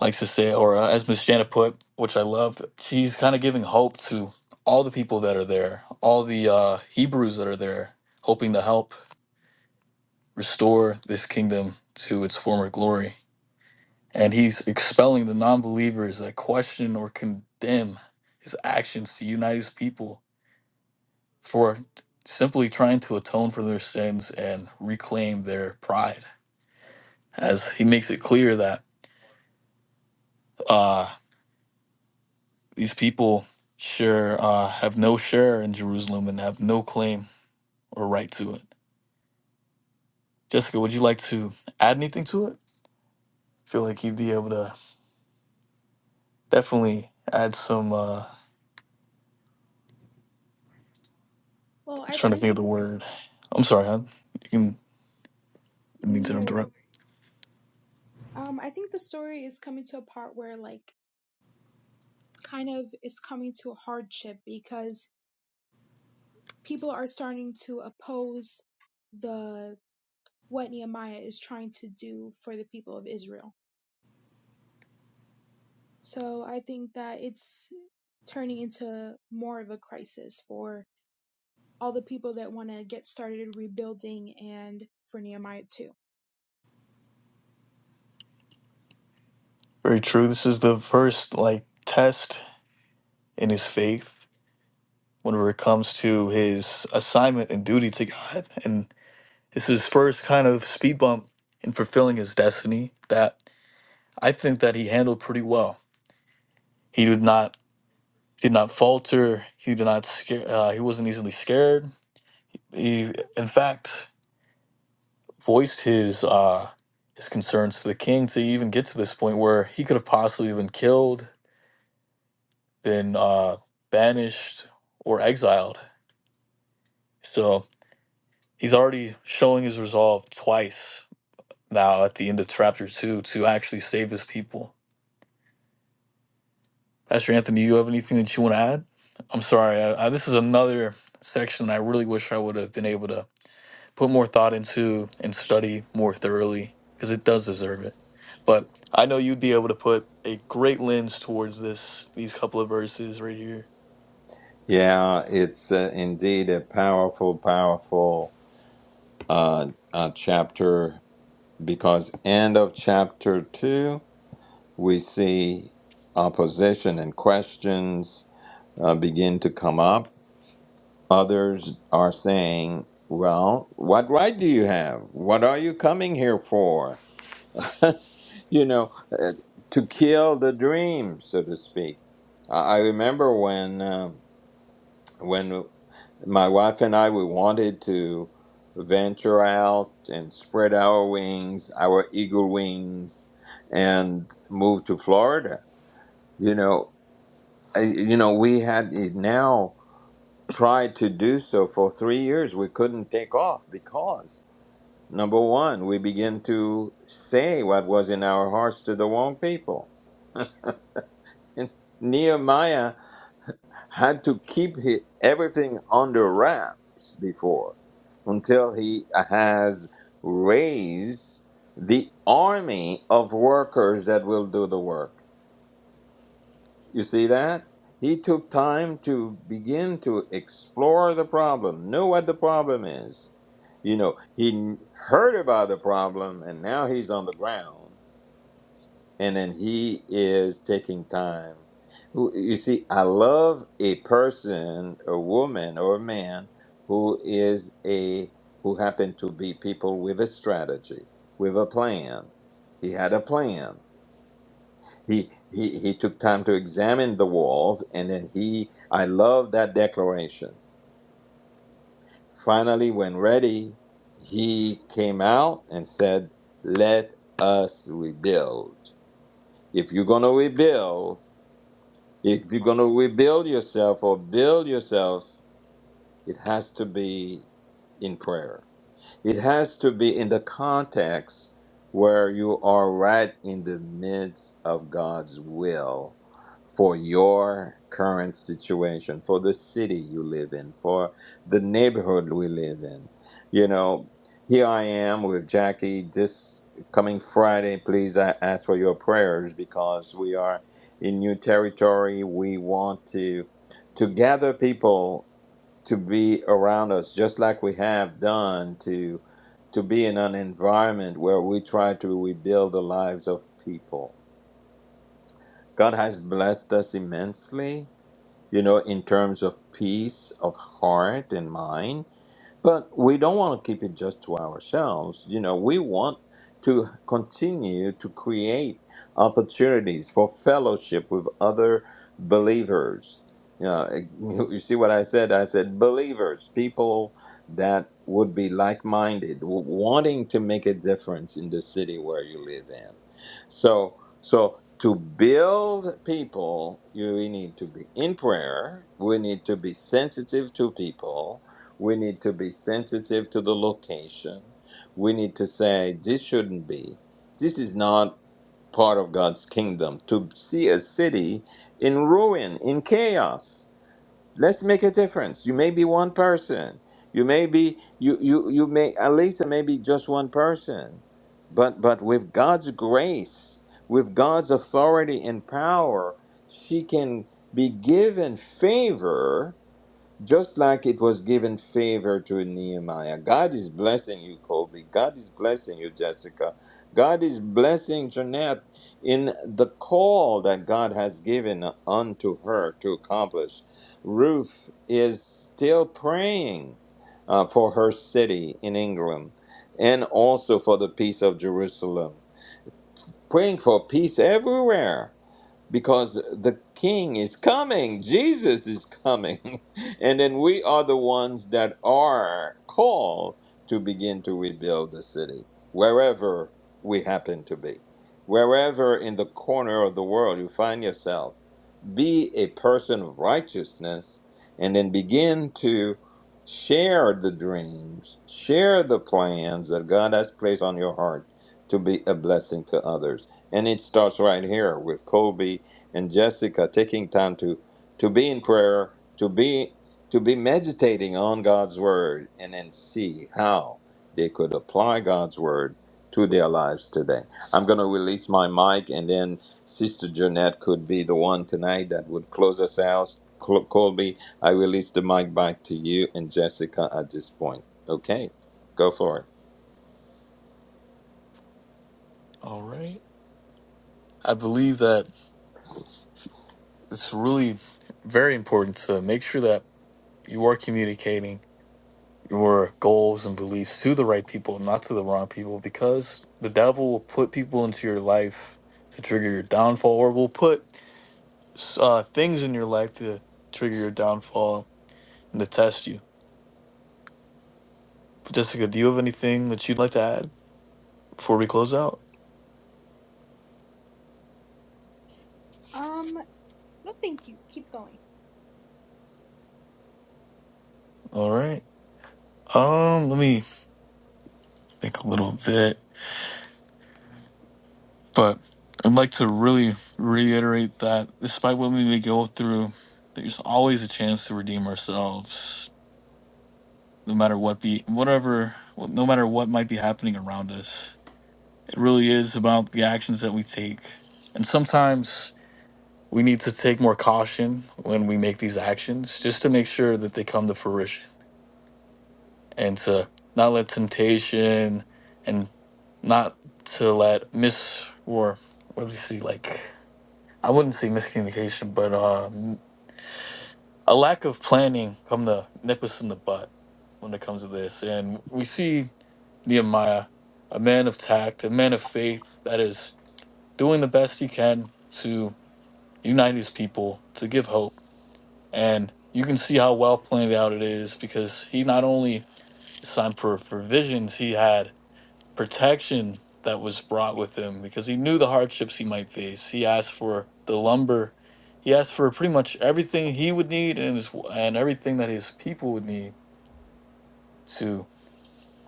likes to say, or uh, as Miss Janet put, which I loved, she's kind of giving hope to all the people that are there, all the uh, Hebrews that are there, hoping to help restore this kingdom to its former glory. and he's expelling the non-believers that question or condemn his actions to unite his people for simply trying to atone for their sins and reclaim their pride as he makes it clear that uh, these people sure uh, have no share in jerusalem and have no claim or right to it jessica would you like to add anything to it I feel like you'd be able to definitely add some uh, I'm
Well, I
trying to
think
think of the word i'm sorry i you can I didn't mean to
no
interrupt
worries. Um, I think the story is coming to a part where, like, kind of it's coming to a hardship because people are starting to oppose the what Nehemiah is trying to do for the people of Israel So I think that it's turning into more of a crisis for all the people that want to get started rebuilding and for Nehemiah too.
Very true. This is the first like test in his faith whenever it comes to his assignment and duty to God. And this is his first kind of speed bump in fulfilling his destiny that I think that he handled pretty well. He did not did not falter. He did not scare. Uh, he wasn't easily scared. He, in fact, voiced his uh, his concerns to the king to even get to this point where he could have possibly been killed, been uh, banished, or exiled So he's already showing his resolve twice now at the end of chapter two to actually save his people. Pastor Anthony, you have anything that you want to add? I'm sorry. I, I, this is another section I really wish I would have been able to put more thought into and study more thoroughly because it does deserve it. But I know you'd be able to put a great lens towards this these couple of verses right here.
Yeah, it's uh, indeed a powerful, powerful uh, uh, chapter because end of chapter two, we see opposition and questions uh, begin to come up. Others are saying, "Well, what right do you have? What are you coming here for?" you know, uh, to kill the dream, so to speak. I I remember when um, when my wife and I we wanted to venture out and spread our wings, our eagle wings, and move to Florida. You know, I, you know, we had it now tried to do so for three years. We couldn't take off because number one, we began to say what was in our hearts to the wrong people And Nehemiah had to keep hi everything under wraps before until he has raised the army of workers that will do the work. You see that? He took time to begin to explore the problem, know what the problem is. You know, he heard about the problem and now he's on the ground and then he is taking time. You see, I love a person, a woman or a man who is a who happen to be people with a strategy, with a plan. He had a plan. He he he took time to examine the walls and then he I love that declaration. Finally, when ready, he came out and said, Let us rebuild. If you're gonna rebuild, If you're going to rebuild yourself or build yourself, it has to be in prayer. It has to be in the context where you are right in the midst of God's will for your current situation, for the city you live in, for the neighborhood we live in. You know, here I am with Jackie this coming Friday. Please, I ask for your prayers because we are in new territory. We want to to gather people to be around us, just like we have done to to be in an environment where we try to rebuild the lives of people. God has blessed us immensely, you know, in terms of peace of heart and mind but we don't want to keep it just to ourselves. You know, we want to continue to create opportunities for fellowship with other believers. You, know, eh, you see what I said? I said believers, people that would be like minded, wanting to make a difference in the city where you live in. So, so to build people, you we need to be in prayer. We need to be sensitive to people we need to be sensitive to the location. We need to say, this shouldn't be. This is not part of God's kingdom. To see a city in ruin, in chaos. Let's make a difference. You may be one person. You may be you you you may at least it may be just one person. But but with God's grace, with God's authority and power, she can be given favor just like it was given favor to Nehemiah. God is blessing you, Colby. God is blessing you, Jessica. God is blessing Jeanette in the call that God has given unto her to accomplish. Ruth is still praying uh, for her city in England and also for the peace of Jerusalem, praying for peace everywhere because the king is coming jesus is coming and then we are the ones that are called to begin to rebuild the city wherever we happen to be wherever in the corner of the world you find yourself be a person of righteousness and then begin to share the dreams share the plans that god has placed on your heart to be a blessing to others and it starts right here with Colby and Jessica taking time to to be in prayer, to be to be meditating on God's word, and then see how they could apply God's word to their lives today. I'm going to release my mic, and then Sister Jeanette could be the one tonight that would close us out. Col- Colby, I release the mic back to you and Jessica at this point. Okay, go for
All right. I believe that it's really very important to make sure that you are communicating your goals and beliefs to the right people, not to the wrong people, because the devil will put people into your life to trigger your downfall, or will put uh, things in your life to trigger your downfall and to test you. But Jessica, do you have anything that you'd like to add before we close out?
Um, no, thank you. Keep going.
All right. Um, let me think a little bit, but I'd like to really reiterate that despite what we may go through, there's always a chance to redeem ourselves no matter what be whatever no matter what might be happening around us it really is about the actions that we take and sometimes we need to take more caution when we make these actions just to make sure that they come to fruition and to not let temptation and not to let mis or what do you see like i wouldn't say miscommunication but uh a lack of planning come to nip us in the butt when it comes to this. And we see Nehemiah, a man of tact, a man of faith that is doing the best he can to unite his people, to give hope. And you can see how well planned out it is because he not only signed for provisions, he had protection that was brought with him because he knew the hardships he might face. He asked for the lumber. He asked for pretty much everything he would need and his, and everything that his people would need to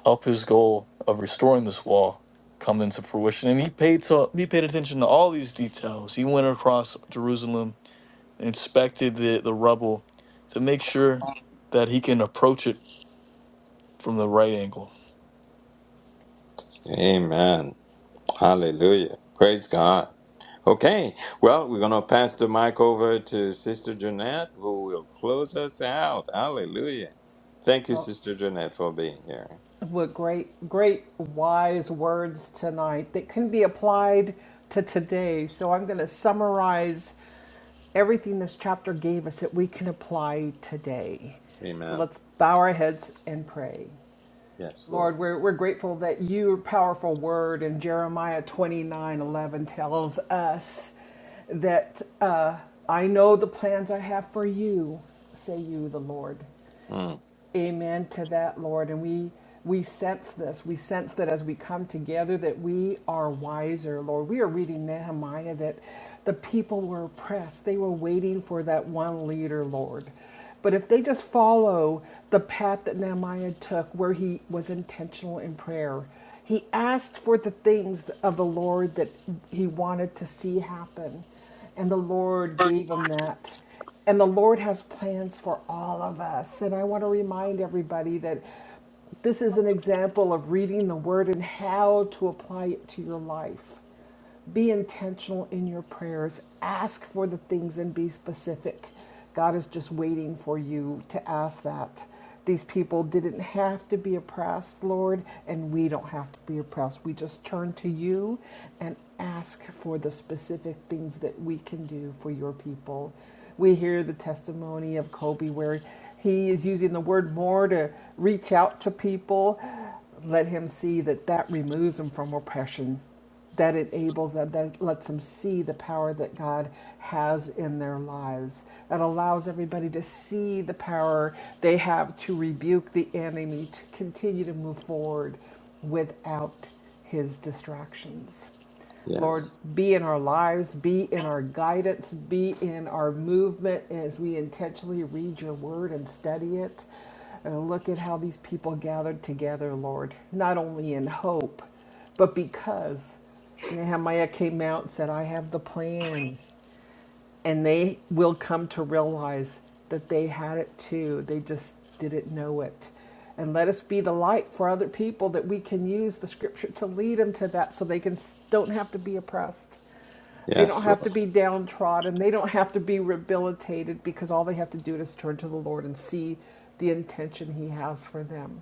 help his goal of restoring this wall come into fruition. And he paid to, he paid attention to all these details. He went across Jerusalem, inspected the, the rubble to make sure that he can approach it from the right angle.
it. Amen. Hallelujah. Praise God. Okay, well, we're going to pass the mic over to Sister Jeanette, who will close us out. Hallelujah. Thank you,
Well,
Sister Jeanette, for being here.
with great, great wise words tonight that can be applied to today. So I'm going to summarize everything this chapter gave us that we can apply today. So
Amen.
let's bow our heads and pray.
Yes, Lord.
Lord, we're, we're grateful that your powerful word in Jeremiah 29 11 tells us that uh, I know the plans I have for you, say you, the Lord
Mm,
Amen to that, Lord. And we we sense this. We sense that as we come together that we are wiser, Lord. We are reading Nehemiah that the people were oppressed. They were waiting for that one leader, Lord. But if they just follow the path that Nehemiah took where he was intentional in prayer, he asked for the things of the Lord that he wanted to see happen. And the Lord gave him that. And the Lord has plans for all of us. And I want to remind everybody that this is an example of reading the word and how to apply it to your life. Be intentional in your prayers. Ask for the things and be specific. God is just waiting for you to ask that. These people didn't have to be oppressed, Lord, and we don't have to be oppressed. We just turn to you and ask for the specific things that we can do for your people. We hear the testimony of Kobe where he is using the word more to reach out to people. Let him see that that removes him from oppression that enables them, that lets them see the power that God has in their lives. It allows everybody to see the power they have to rebuke the enemy, to continue to move forward without his distractions. Lord,
yes.
be in our lives, be in our guidance, be in our movement as we intentionally read your word and study it. And look at how these people gathered together, Lord, not only in hope, but because Nehemiah came out and said, I have the plan and they will come to realize that they had it too. They just didn't know it. And let us be the light for other people that we can use the scripture to lead them to that so they can don't have to be oppressed. They don't
Yes,
have to
Lord.
be downtrodden. They don't have to be rehabilitated because all they have to do is turn to the Lord and see the intention he has for them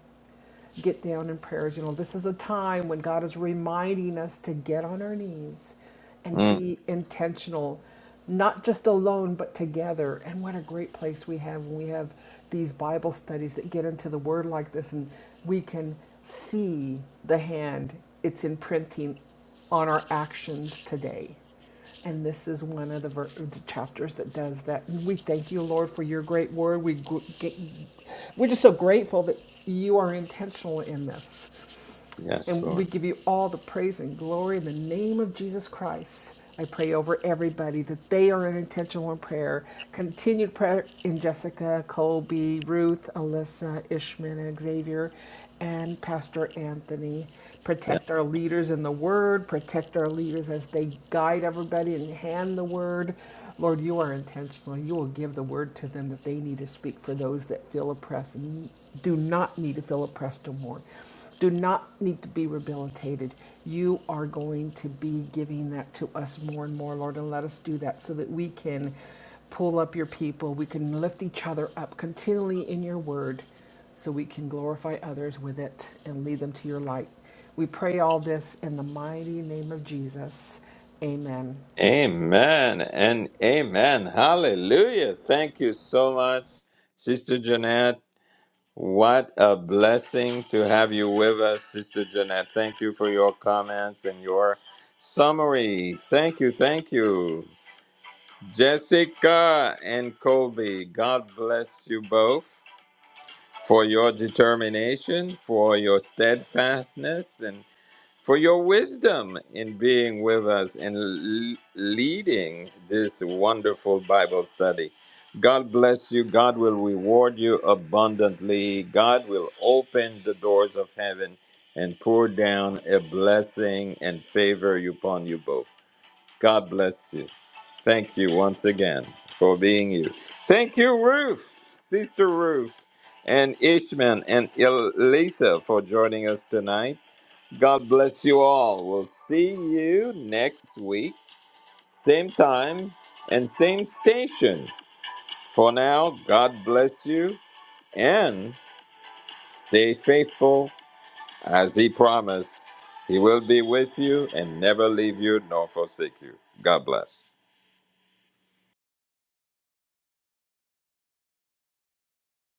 get down in prayers. You know, this is a time when God is reminding us to get on our knees and
Mm,
be intentional, not just alone, but together. And what a great place we have when we have these Bible studies that get into the Word like this and we can see the hand it's imprinting on our actions today. And this is one of the, ver- the chapters that does that. And we thank you, Lord, for your great word. We gr- get, we're just so grateful that you are intentional in this.
yes,
And we
Lord.
give you all the praise and glory in the name of Jesus Christ. I pray over everybody that they are in intentional prayer. Continued prayer in Jessica, Colby, Ruth, Alyssa, Ishman, and Xavier, and Pastor Anthony.
Yeah.
Protect our leaders in the word, protect our leaders as they guide everybody and hand the word. Lord, you are intentional. You will give the word to them that they need to speak for those that feel oppressed and do not need to feel oppressed or more do not need to be rehabilitated. You are going to be giving that to us more and more, Lord, and let us do that so that we can pull up your people. We can lift each other up continually in your word so we can glorify others with it and lead them to your light. We pray all this in the mighty name of Jesus. Amen.
Amen and amen. Hallelujah. Thank you so much, Sister Jeanette. What a blessing to have you with us, Sister Jeanette. Thank you for your comments and your summary. Thank you, thank you. Jessica and Colby, God bless you both for your determination, for your steadfastness, and for your wisdom in being with us and l- leading this wonderful Bible study. God bless you. God will reward you abundantly. God will open the doors of heaven and pour down a blessing and favor upon you both. God bless you. Thank you once again for being you. Thank you, Ruth, Sister Ruth, and Ishman and Elisa for joining us tonight. God bless you all. We'll see you next week, same time and same station. For now, God bless you and stay faithful as He promised. He will be with you and never leave you nor forsake you. God bless.